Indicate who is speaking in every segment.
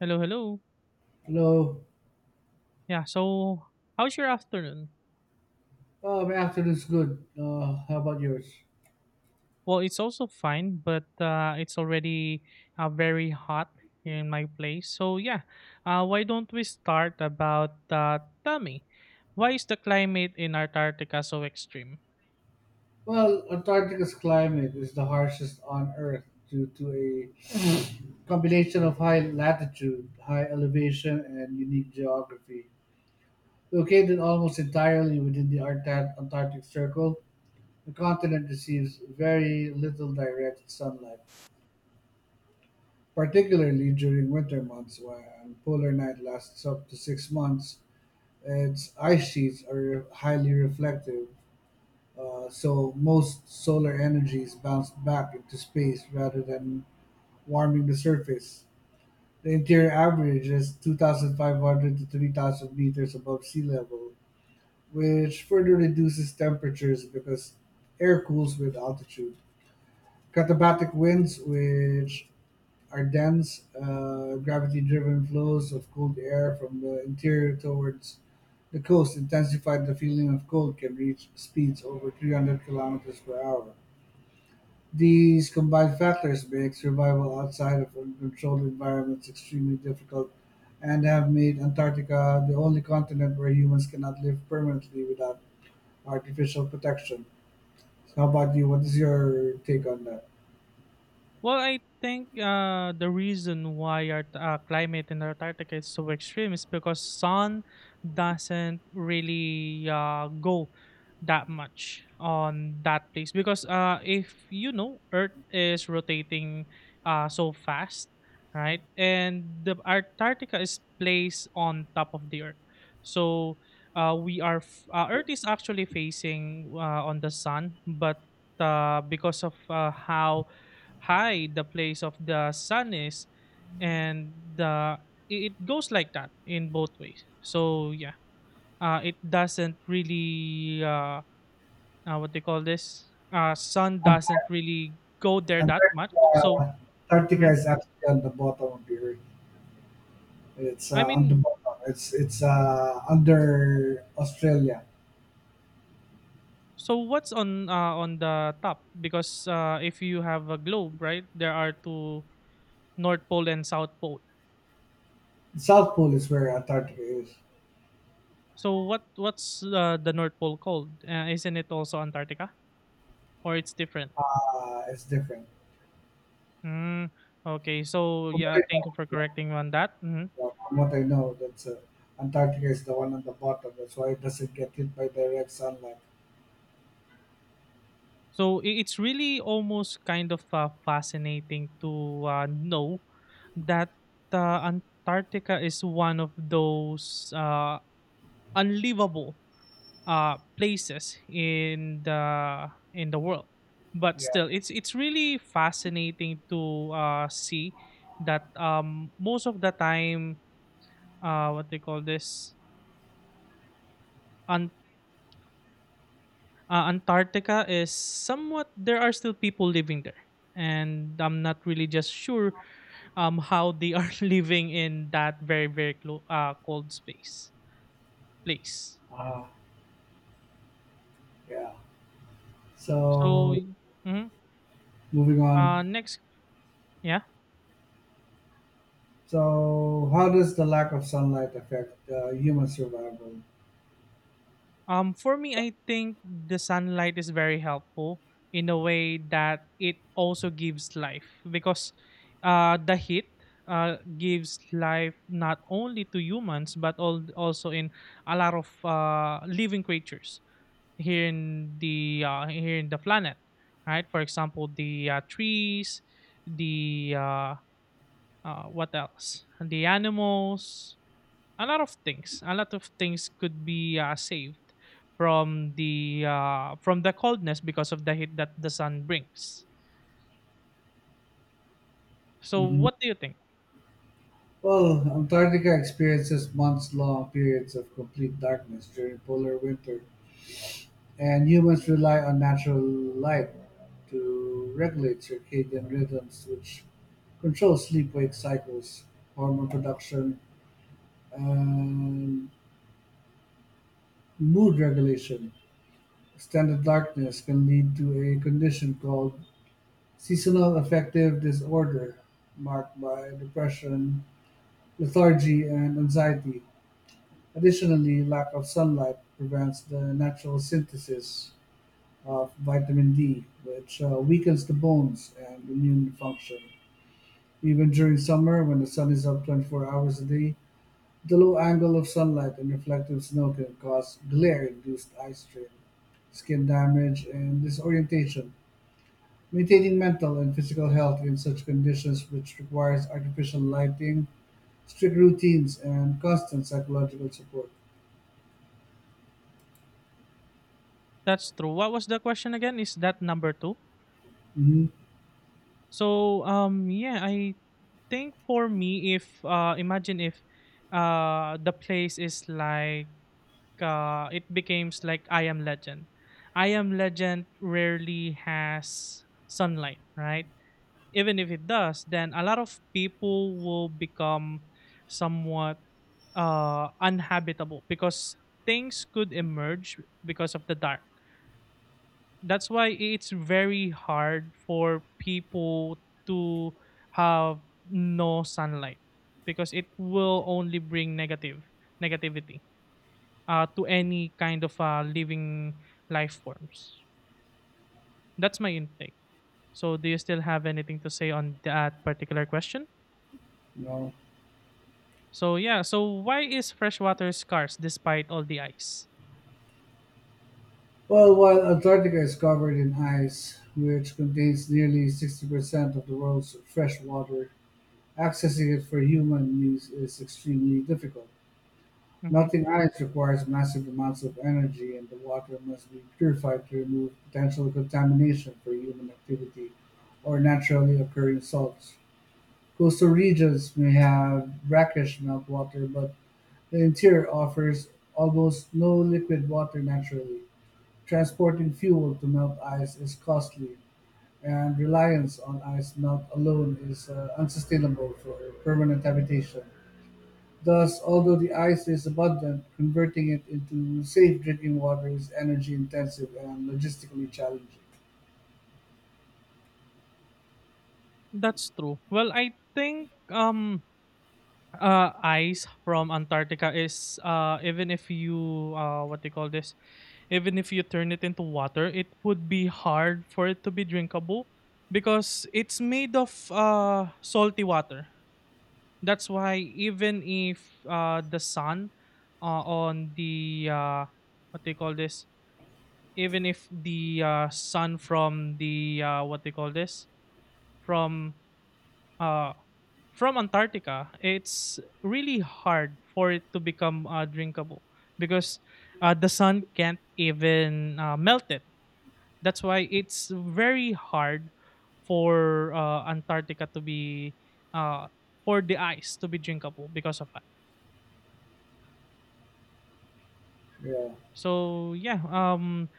Speaker 1: Hello, hello.
Speaker 2: Hello.
Speaker 1: Yeah, so how's your afternoon?
Speaker 2: Oh, my afternoon's good. How about yours?
Speaker 1: Well, it's also fine, but it's already very hot here in my place. So yeah, why don't we start about tell me, why is the climate in Antarctica so extreme?
Speaker 2: Well, Antarctica's climate is the harshest on Earth due to a combination of high latitude, high elevation, and unique geography. Located almost entirely within the Antarctic Circle, the continent receives very little direct sunlight, particularly during winter months when polar night lasts up to 6 months. Its ice sheets are highly reflective. So most solar energy is bounced back into space rather than warming the surface. The interior average is 2,500 to 3,000 meters above sea level, which further reduces temperatures because air cools with altitude. Katabatic winds, which are dense, gravity driven flows of cold air from the interior towards the coast, intensified the feeling of cold, can reach speeds over 300 kilometers per hour. These combined factors make survival outside of controlled environments extremely difficult and have made Antarctica the only continent where humans cannot live permanently without artificial protection. So how about you? What is your take on that?
Speaker 1: Well, I think the reason why our climate in Antarctica is so extreme is because sun doesn't really go that much on that place, because if you know, Earth is rotating so fast, right? And the Antarctica is placed on top of the Earth, so Earth is actually facing on the sun, but because of how high the place of the sun is, and the it it goes like that in both ways, so yeah, it doesn't really what they call this, sun
Speaker 2: Ant-
Speaker 1: doesn't really go there that much, so
Speaker 2: Antarctica,
Speaker 1: mhm.
Speaker 2: Antarctica is actually on the bottom of the earth. It's
Speaker 1: I
Speaker 2: on the
Speaker 1: mean,
Speaker 2: bottom. It's under Australia.
Speaker 1: so what's on the top, because if you have a globe, right, there are two, north pole and south pole.
Speaker 2: The South Pole is where Antarctica is.
Speaker 1: So what's the north pole called? Isn't it also Antarctica, or it's different?
Speaker 2: It's different.
Speaker 1: Mm, okay. So yeah, thank you for correcting me on that. Hmm.
Speaker 2: Yeah, from what I know, that's Antarctica is the one on the bottom. That's why it doesn't get hit by direct sunlight.
Speaker 1: So it's really almost kind of fascinating to know that Antarctica is one of those unlivable places in the world. But
Speaker 2: Yeah.
Speaker 1: still, it's really fascinating to see that most of the time, what they call this, Antarctica is somewhat, there are still people living there, and I'm not really just sure how they are living in that very very cold space place.
Speaker 2: Ah, yeah.
Speaker 1: So
Speaker 2: So
Speaker 1: mhm.
Speaker 2: moving on.
Speaker 1: Next. Yeah.
Speaker 2: So how does the lack of sunlight affect human survival?
Speaker 1: For me, I think the sunlight is very helpful in a way that it also gives life, because the heat gives life not only to humans but also in a lot of living creatures here in the, here in the planet, right? For example, the trees, the what else? The animals, a lot of things could be saved from the coldness because of the heat that the sun brings. So
Speaker 2: hmm
Speaker 1: what do you think?
Speaker 2: Well, Antarctica experiences months-long periods of complete darkness during polar winter, and humans rely on natural light to regulate circadian rhythms, which control sleep-wake cycles, hormone production, Um, mood regulation. Extended darkness can lead to a condition called seasonal affective disorder, marked by depression, lethargy, and anxiety. Additionally, lack of sunlight prevents the natural synthesis of vitamin D, which weakens the bones and immune function. Even during summer, when the sun is up 24 hours a day, the low angle of sunlight and reflected snow can cause glare-induced eye strain, skin damage, and disorientation. Maintaining mental and physical health in such conditions, which requires artificial lighting, strict routines, and constant psychological support.
Speaker 1: That's true. What was the question again? Is that number two?
Speaker 2: Hmm.
Speaker 1: So yeah, I think for me, if imagine if the place is like, it becomes like I Am Legend rarely has sunlight, right? Even if it does, then a lot of people will become somewhat unhabitable because things could emerge because of the dark. That's why it's very hard for people to have no sunlight, because it will only bring negative negativity to any kind of living life forms. That's my intake. So, do you still have anything to say on that particular question?
Speaker 2: No.
Speaker 1: So yeah, so why is freshwater scarce despite all the ice?
Speaker 2: Well, while Antarctica is covered in ice, which contains nearly 60% of the world's fresh water, accessing it for human use is extremely difficult.
Speaker 1: Hmm.
Speaker 2: Melting ice requires massive amounts of energy and the water must be purified to remove potential contamination for human activity or naturally occurring salts. Coastal regions may have brackish meltwater, but the interior offers almost no liquid water naturally. Transporting fuel to melt ice is costly, and reliance on ice melt alone is unsustainable for permanent habitation. Thus, although the ice is abundant, converting it into safe drinking water is energy intensive and logistically challenging.
Speaker 1: That's true. Well, I think ice from Antarctica is even if you what do you call this? Even if you turn it into water, it would be hard for it to be drinkable because it's made of salty water. That's why, even if the sun on the what do you call this? Even if the sun from the, what they call this, from uh, from Antarctica, it's really hard for it to become drinkable, because the sun can't even melt it. That's why it's very hard for Antarctica to be uh, for the ice to be drinkable because of that.
Speaker 2: Yeah.
Speaker 1: So yeah, um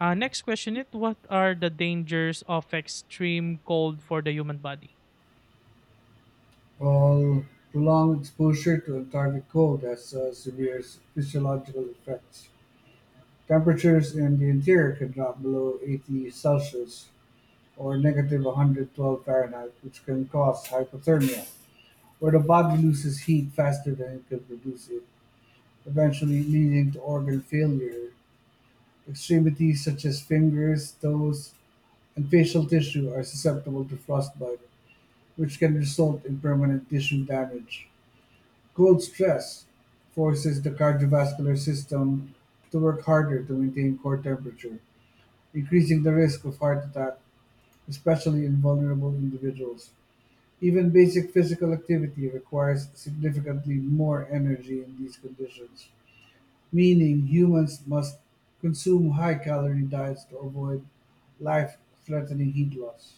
Speaker 1: uh, next question, it what are the dangers of extreme cold for the human body?
Speaker 2: While prolonged exposure to Antarctic cold has severe physiological effects. Temperatures in the interior can drop below 80 Celsius or negative 112 Fahrenheit, which can cause hypothermia, where the body loses heat faster than it can produce it, eventually leading to organ failure. Extremities such as fingers, toes, and facial tissue are susceptible to frostbite, which can result in permanent tissue damage. Cold stress forces the cardiovascular system to work harder to maintain core temperature, increasing the risk of heart attack, especially in vulnerable individuals. Even basic physical activity requires significantly more energy in these conditions. Meaning humans must consume high-calorie diets to avoid life-threatening heat loss.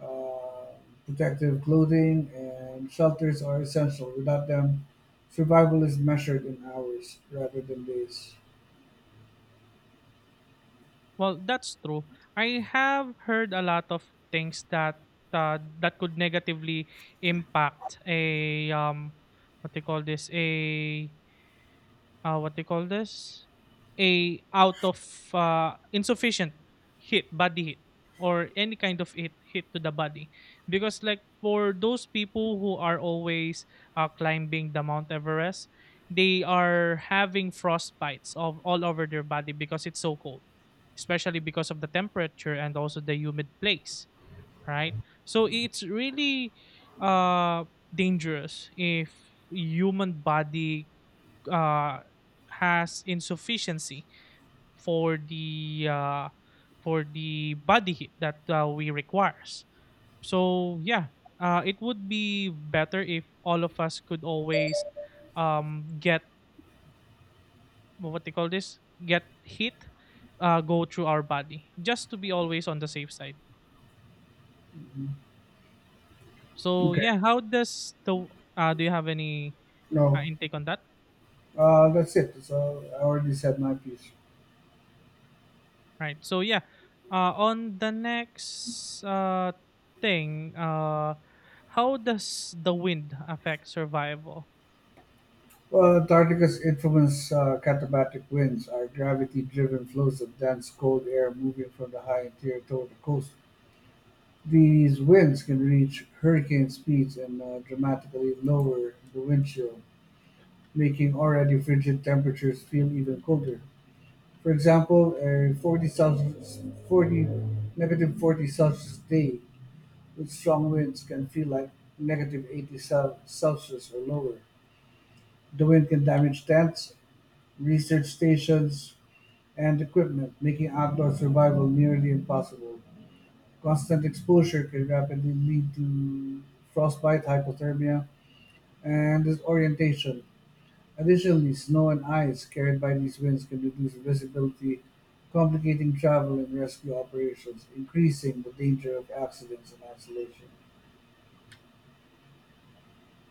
Speaker 2: Uh, Protective clothing and shelters are essential. Without them, survival is measured in hours rather than days.
Speaker 1: Well, that's true. I have heard a lot of things that that could negatively impact a, what they call this, a, what do you call this? A, out of insufficient heat, body heat, or any kind of heat to the body, because like for those people who are always climbing the Mount Everest, they are having frostbites of all over their body because it's so cold, especially because of the temperature and also the humid place, right? So it's really dangerous if human body uh, has insufficiency for the body heat that we requires. So yeah, it would be better if all of us could always get, what they call this, get heat go through our body, just to be always on the safe side. So
Speaker 2: Okay,
Speaker 1: yeah, how does the, do you have any
Speaker 2: no,
Speaker 1: intake on that?
Speaker 2: that's it. So I already said my piece.
Speaker 1: Right. So yeah, on the next, thing, how does the wind affect survival?
Speaker 2: Well, Antarctica's infamous katabatic winds are gravity-driven flows of dense cold air moving from the high interior toward the coast. These winds can reach hurricane speeds and dramatically lower the wind chill, making already frigid temperatures feel even colder. For example, a 40 Celsius, 40, negative 40 Celsius day with strong winds can feel like negative 80 Celsius or lower. The wind can damage tents, research stations, and equipment, making outdoor survival nearly impossible. Constant exposure can rapidly lead to frostbite, hypothermia, and disorientation. Additionally, snow and ice carried by these winds can reduce visibility, complicating travel and rescue operations, increasing the danger of accidents and isolation.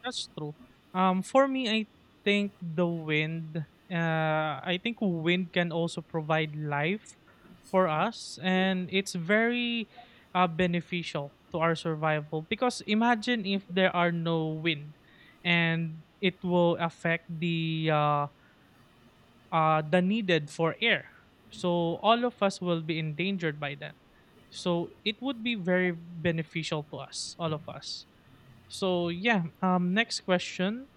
Speaker 1: That's true. For me, I think the wind. I think wind can also provide life for us, and it's very beneficial to our survival, because imagine if there are no wind, and it will affect the, the needed for air. So all of us will be endangered by then. So it would be very beneficial to us, all of us. So yeah, next question.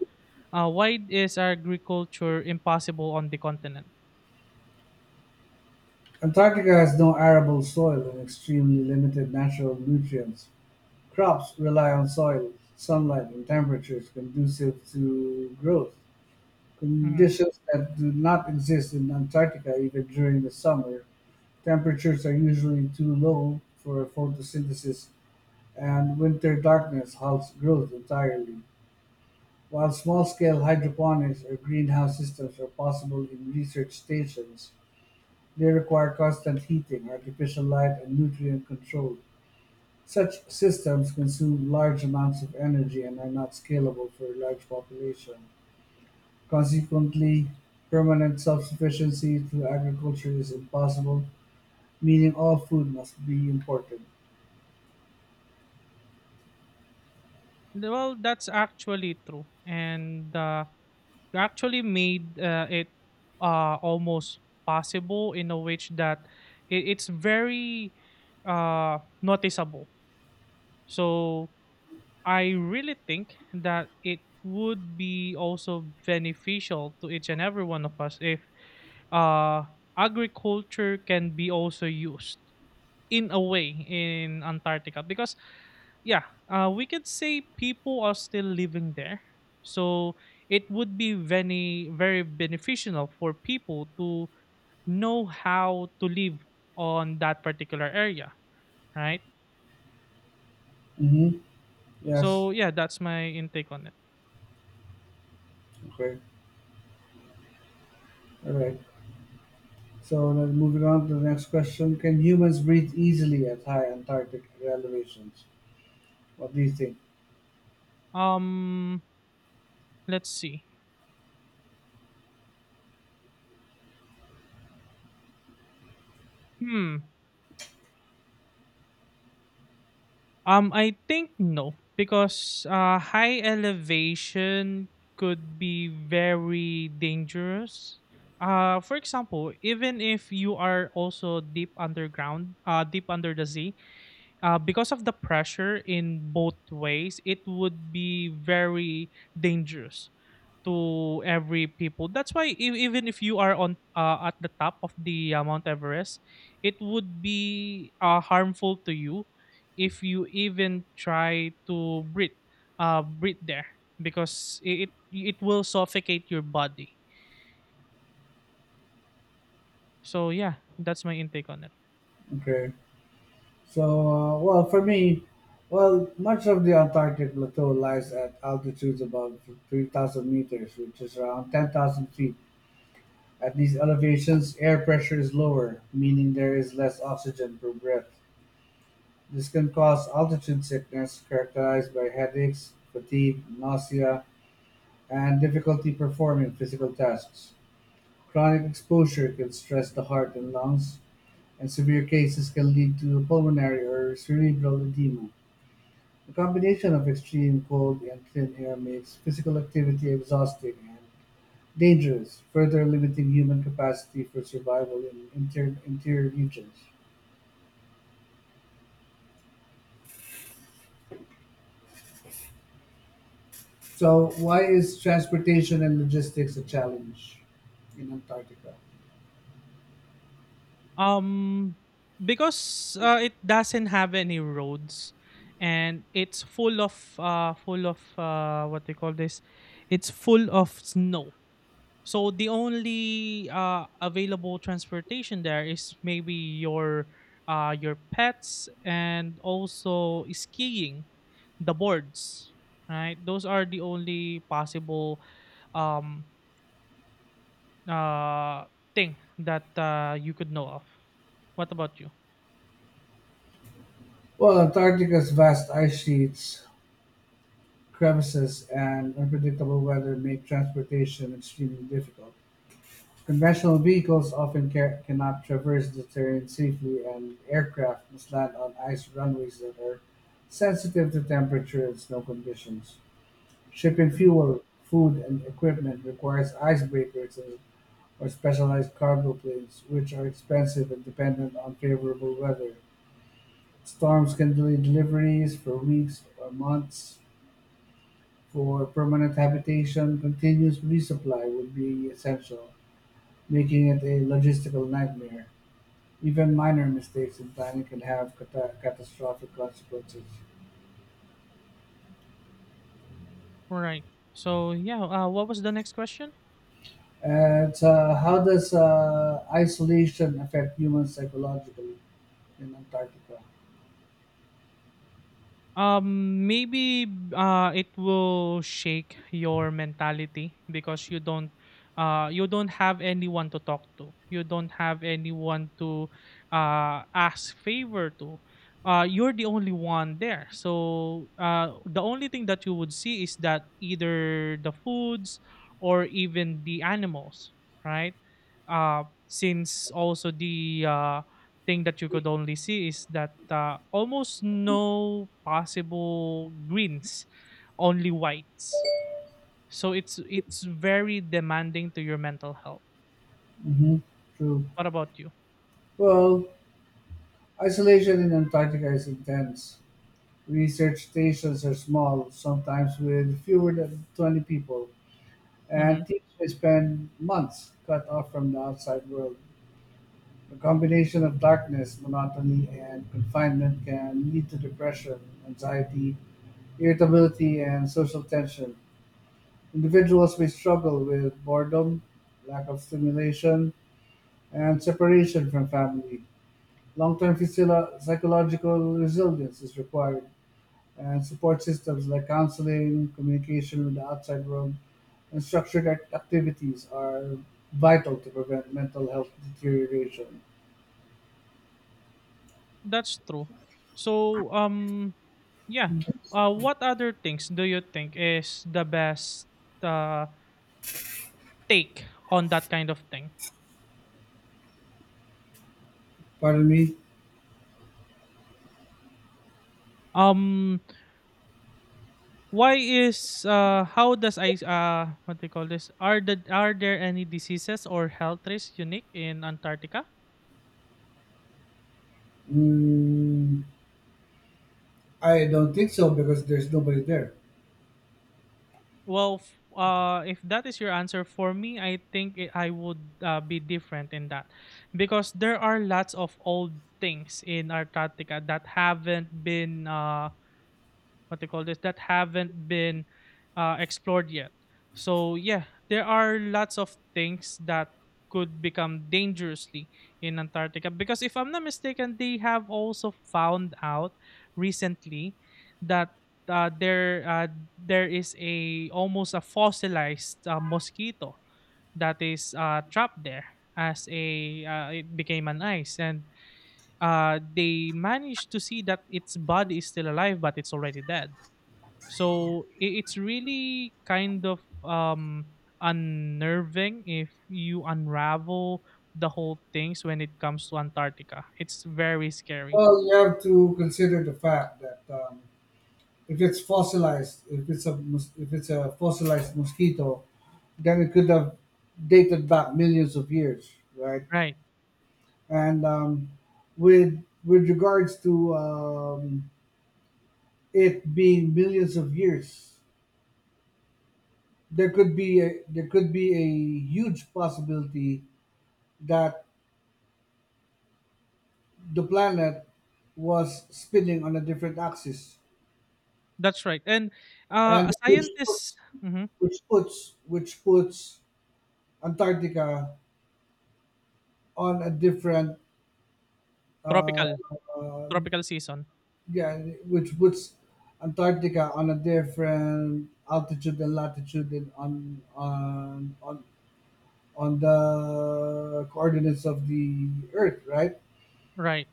Speaker 1: Why is agriculture impossible on the continent?
Speaker 2: Antarctica has no arable soil and extremely limited natural nutrients. Crops rely on soil, sunlight, and temperatures conducive to growth.
Speaker 1: Mhm.
Speaker 2: Conditions that do not exist in Antarctica even during the summer. Temperatures are usually too low for photosynthesis, and winter darkness halts growth entirely. While small scale hydroponics or greenhouse systems are possible in research stations, they require constant heating, artificial light, and nutrient control. Such systems consume large amounts of energy and are not scalable for a large population. Consequently, permanent self-sufficiency through agriculture is impossible, meaning all food must be imported.
Speaker 1: Well, that's actually true, and you actually made it almost possible in a which that, it's very noticeable. So I really think that it would be also beneficial to each and every one of us if uh, agriculture can be also used in a way in Antarctica, because yeah, we could say people are still living there. So it would be very very beneficial for people to know how to live on that particular area, right?
Speaker 2: Mm-hmm. Yes.
Speaker 1: So yeah, that's my intake on it.
Speaker 2: Okay. All right. So then moving on to the next question: Can humans breathe easily at high Antarctic elevations? What do you think?
Speaker 1: Um let's see. Hmm. I think no, because high elevation could be very dangerous. For example, even if you are also deep underground, deep under the sea, because of the pressure in both ways, it would be very dangerous to every people. That's why even if you are on, at the top of the Mount Everest, it would be harmful to you if you even try to breathe there, because it will suffocate your body. So yeah, that's my intake on it.
Speaker 2: Okay. So well, for me, well, much of the Antarctic plateau lies at altitudes above 3,000 meters, which is around 10,000 feet. At these elevations, air pressure is lower, meaning there is less oxygen per breath. This can cause altitude sickness characterized by headaches, fatigue, nausea, and difficulty performing physical tasks. Chronic exposure can stress the heart and lungs, and severe cases can lead to pulmonary or cerebral edema. The combination of extreme cold and thin air makes physical activity exhausting and dangerous, further limiting human capacity for survival in interior regions. So, why is transportation and logistics a challenge in Antarctica?
Speaker 1: Um because it doesn't have any roads, and it's full of what do you call this? It's full of snow. So the only available transportation there is maybe your pets, and also skiing, the boards, right? Those are the only possible um, uh, thing that you could know of. What about you?
Speaker 2: Well, Antarctica's vast ice sheets, crevices, and unpredictable weather make transportation extremely difficult. Conventional vehicles often cannot traverse the terrain safely, and aircraft must land on ice runways that are sensitive to temperature and snow conditions. Shipping
Speaker 1: Mhm.
Speaker 2: fuel, food, and equipment requires icebreakers or specialized cargo planes, which are expensive and dependent on favorable weather. Storms can delay deliveries for weeks or months. For permanent habitation, continuous resupply would be essential, making it a logistical nightmare. Even minor mistakes in planning can have catastrophic consequences.
Speaker 1: All right. So yeah, what was the next question?
Speaker 2: And how does isolation affect humans psychologically in Antarctica?
Speaker 1: Maybe it will shake your mentality because you don't have anyone to talk to. You don't have anyone to ask favor to. You're the only one there. So the only thing that you would see is that either the foods or even the animals, right? Since also the thing that you could only see is that almost no possible greens, only whites. So it's very demanding to your mental health.
Speaker 2: hmm True.
Speaker 1: What about you?
Speaker 2: Well, isolation in Antarctica is intense. Research stations are small, sometimes with fewer than 20 people,
Speaker 1: Hmm.
Speaker 2: and teams may spend months cut off from the outside world. A combination of darkness, monotony, and confinement can lead to depression, anxiety, irritability, and social tension. Individuals may struggle with boredom, lack of stimulation, and separation from family. Long-term psychological resilience is required, and support systems like counseling, communication with the outside world, and structured activities are vital to prevent mental health deterioration.
Speaker 1: That's true. So yeah. What other things do you think is the best uh, take on that kind of thing?
Speaker 2: Pardon me.
Speaker 1: Um, Why is, how does I, what do you call this? Are the, are there any diseases or health risks unique in Antarctica?
Speaker 2: Mm, I don't think so because there's nobody there.
Speaker 1: Well, if that is your answer for me, I think, I would be different in that, because there are lots of old things in Antarctica that haven't been what they call this, that haven't been explored yet. So yeah, there are lots of things that could become dangerously in Antarctica, because if I'm not mistaken, they have also found out recently that uh, there uh, there is a almost a fossilized mosquito that is trapped there, as a, it became an ice, and they managed to see that its body is still alive but it's already dead. So it's really kind of, unnerving if you unravel the whole things when it comes to Antarctica. It's very scary.
Speaker 2: Well, you have to consider the fact that if it's fossilized, if it's a fossilized mosquito, then it could have dated back millions of years, right?
Speaker 1: Right.
Speaker 2: And with regards to it being millions of years, there could be there could be a huge possibility that the planet was spinning on a different axis,
Speaker 1: That's right. And
Speaker 2: and
Speaker 1: scientists, mhm,
Speaker 2: which puts Antarctica on a different— uh,
Speaker 1: tropical,
Speaker 2: uh,
Speaker 1: tropical season.
Speaker 2: yeah, which puts Antarctica on a different altitude and latitude than on the coordinates of the Earth, right?
Speaker 1: Right.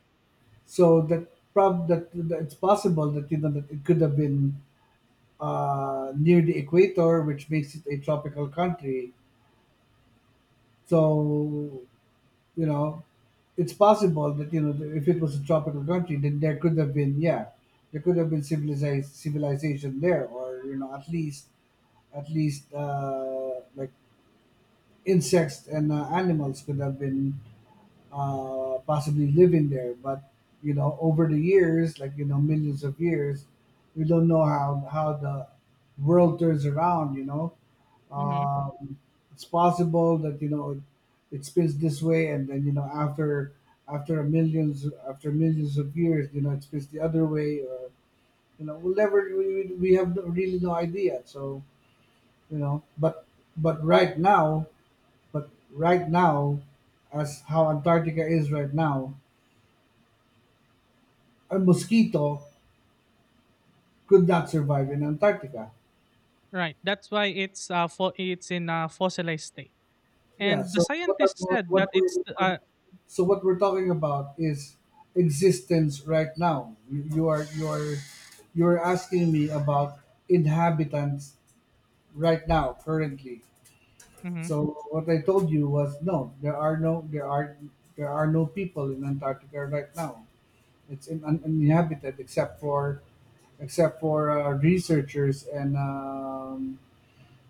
Speaker 2: So that it's possible that that it could have been near the equator, which makes it a tropical country. So you know, it's possible that if it was a tropical country, then there could have been yeah, there could have been civilized civilization there, or at least like insects and animals could have been possibly living there. But over the years, like millions of years, we don't know how the world turns around.
Speaker 1: Hmm.
Speaker 2: Um, it's possible that it spins this way and then after millions of years it spins the other way or we'll never we, we have no, really no idea so you know but but right now but right now as how Antarctica is right now a mosquito could not survive in Antarctica.
Speaker 1: Right. That's why it's it's in a fossilized state.
Speaker 2: Yeah.
Speaker 1: And the
Speaker 2: So what I-
Speaker 1: scientists said
Speaker 2: what
Speaker 1: that it's
Speaker 2: we're- so what we're talking about is existence right now. You're asking me about inhabitants right now currently.
Speaker 1: mhm,
Speaker 2: So what I told you was no, there are no people in Antarctica right now. It's uninhabited except for researchers and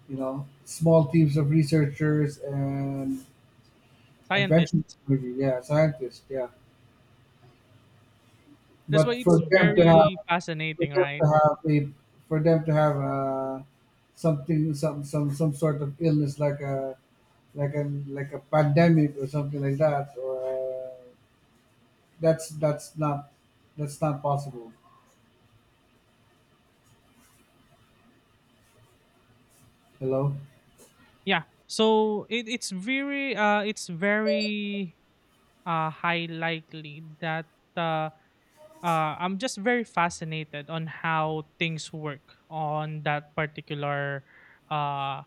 Speaker 2: small teams of researchers and Adventure
Speaker 1: scientists.
Speaker 2: movie, yeah, scientist, yeah.
Speaker 1: That's why
Speaker 2: But
Speaker 1: it's
Speaker 2: for them to have,
Speaker 1: very
Speaker 2: for
Speaker 1: fascinating,
Speaker 2: them to
Speaker 1: right?
Speaker 2: have a, for them to have something, some sort of illness like like a pandemic or something like that, or that's that's not, that's not possible. Hello.
Speaker 1: Yeah. So it's very high likely that uh, I'm just very fascinated on how things work on that particular uh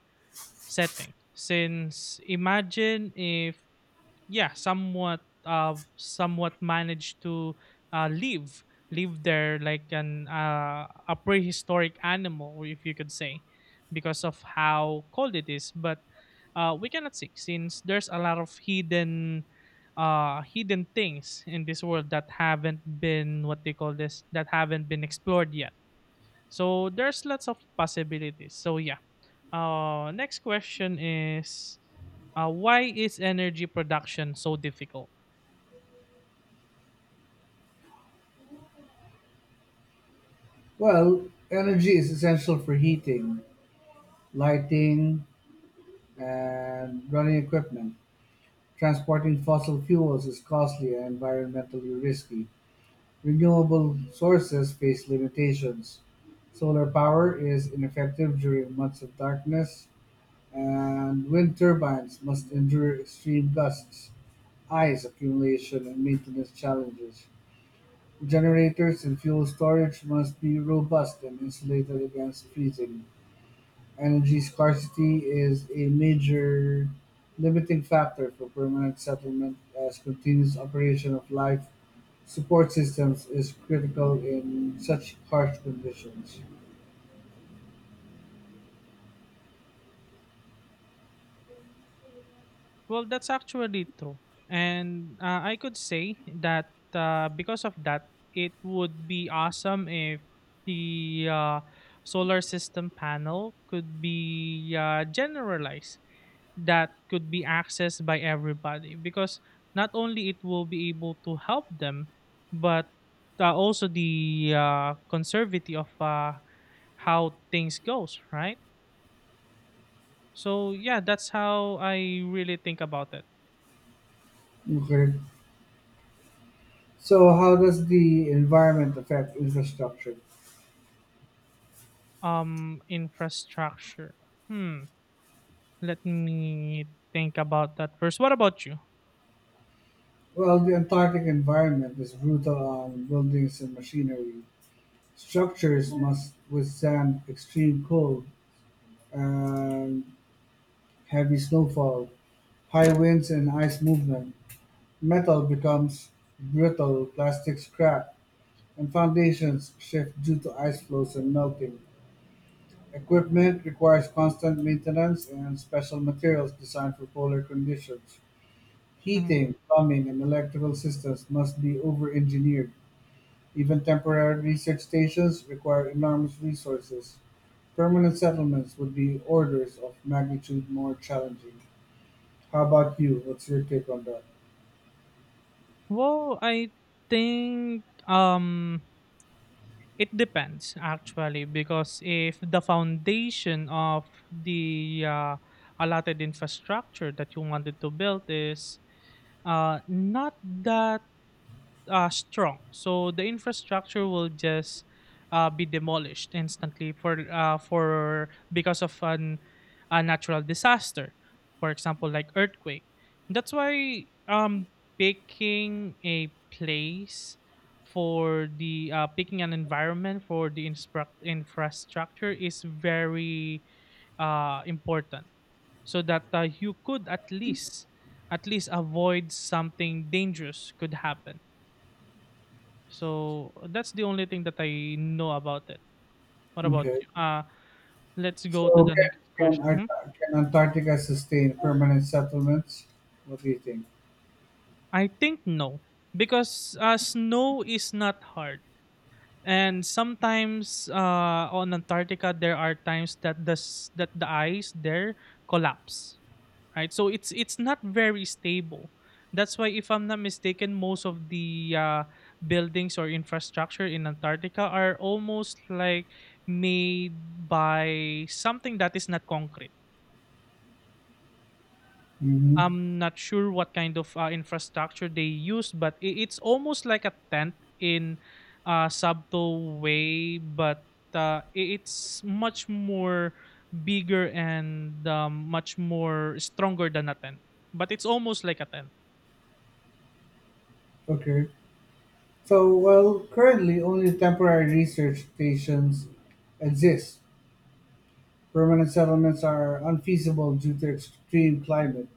Speaker 1: setting. Since imagine if, yeah, somewhat managed to uh live live there, like an a prehistoric animal, if you could say, because of how cold it is, but we cannot see, since there's a lot of hidden things in this world that haven't been, what they call this, that haven't been explored yet, so there's lots of possibilities. So yeah, next question is, why is energy production so difficult?
Speaker 2: Well, energy is essential for heating, lighting, and running equipment. Transporting fossil fuels is costly and environmentally risky. Renewable sources face limitations; solar power is ineffective during months of darkness, and wind turbines must endure extreme gusts, ice accumulation, and maintenance challenges. Generators and fuel storage must be robust and insulated against freezing. Energy scarcity is a major limiting factor for permanent settlement as continuous operation of life support systems is critical in such harsh conditions.
Speaker 1: Well, that's actually true. And I could say that because of that, it would be awesome if the solar system panel could be generalized, that could be accessed by everybody, because not only it will be able to help them, but also the conservative of how things goes, right? So yeah, that's how I really think about it.
Speaker 2: Okay. So how does the environment affect infrastructure?
Speaker 1: Infrastructure. Hmm. Let me think about that first. What about you?
Speaker 2: Well, the Antarctic environment is brutal on buildings and machinery. Structures must withstand extreme cold and heavy snowfall, high winds and ice movement. Metal becomes brittle, plastics crack, and foundations shift due to ice flows and melting. Equipment requires constant maintenance and special materials designed for polar conditions.
Speaker 1: Mhm.
Speaker 2: Heating, plumbing, and electrical systems must be over-engineered. Even temporary research stations require enormous resources. Permanent settlements would be orders of magnitude more challenging. How about you? What's your take on that?
Speaker 1: Well, I think it depends actually, because if the foundation of the allotted infrastructure that you wanted to build is not that strong. So the infrastructure will just be demolished instantly for, because of an a natural disaster, for example, like earthquake. That's why picking a place for the, picking an environment for the instruct infrastructure is very important, so that you could at least avoid something dangerous could happen. So, that's the only thing that I know about it. What about
Speaker 2: Okay.
Speaker 1: you? Let's go to
Speaker 2: So
Speaker 1: the
Speaker 2: can,
Speaker 1: next
Speaker 2: can,
Speaker 1: question. Mhm.
Speaker 2: Ar- can Antarctica sustain permanent settlements? What do you think?
Speaker 1: I think no, because snow is not hard, and sometimes on Antarctica there are times that that the ice there collapse. Right? So it's not very stable. That's why, if I'm not mistaken, most of the buildings or infrastructure in Antarctica are almost like made by something that is not concrete.
Speaker 2: Mm-hmm.
Speaker 1: I'm not sure what kind of infrastructure they use, but it's almost like a tent in subtle way, but it's much more bigger and much more stronger than a tent. But it's almost like a tent.
Speaker 2: Okay. So while currently only temporary research stations exist, permanent settlements are unfeasible due to extreme climate,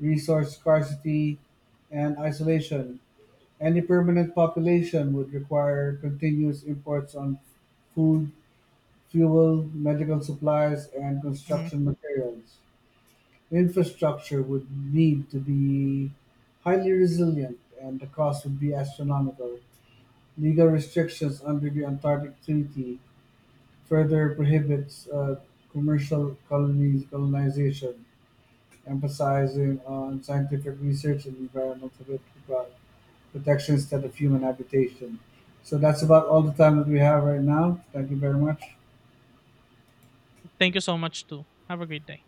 Speaker 2: resource scarcity, and isolation. Any permanent population would require continuous imports on food, fuel, medical supplies, and
Speaker 1: Mhm.
Speaker 2: construction materials. Infrastructure would need to be highly resilient and the cost would be astronomical. Legal restrictions under the Antarctic Treaty further prohibits commercial colonies colonization, emphasizing on scientific research and environmental protection instead of human habitation. So that's about all the time that we have right now. Thank you very much.
Speaker 1: Thank you so much too. Have a great day.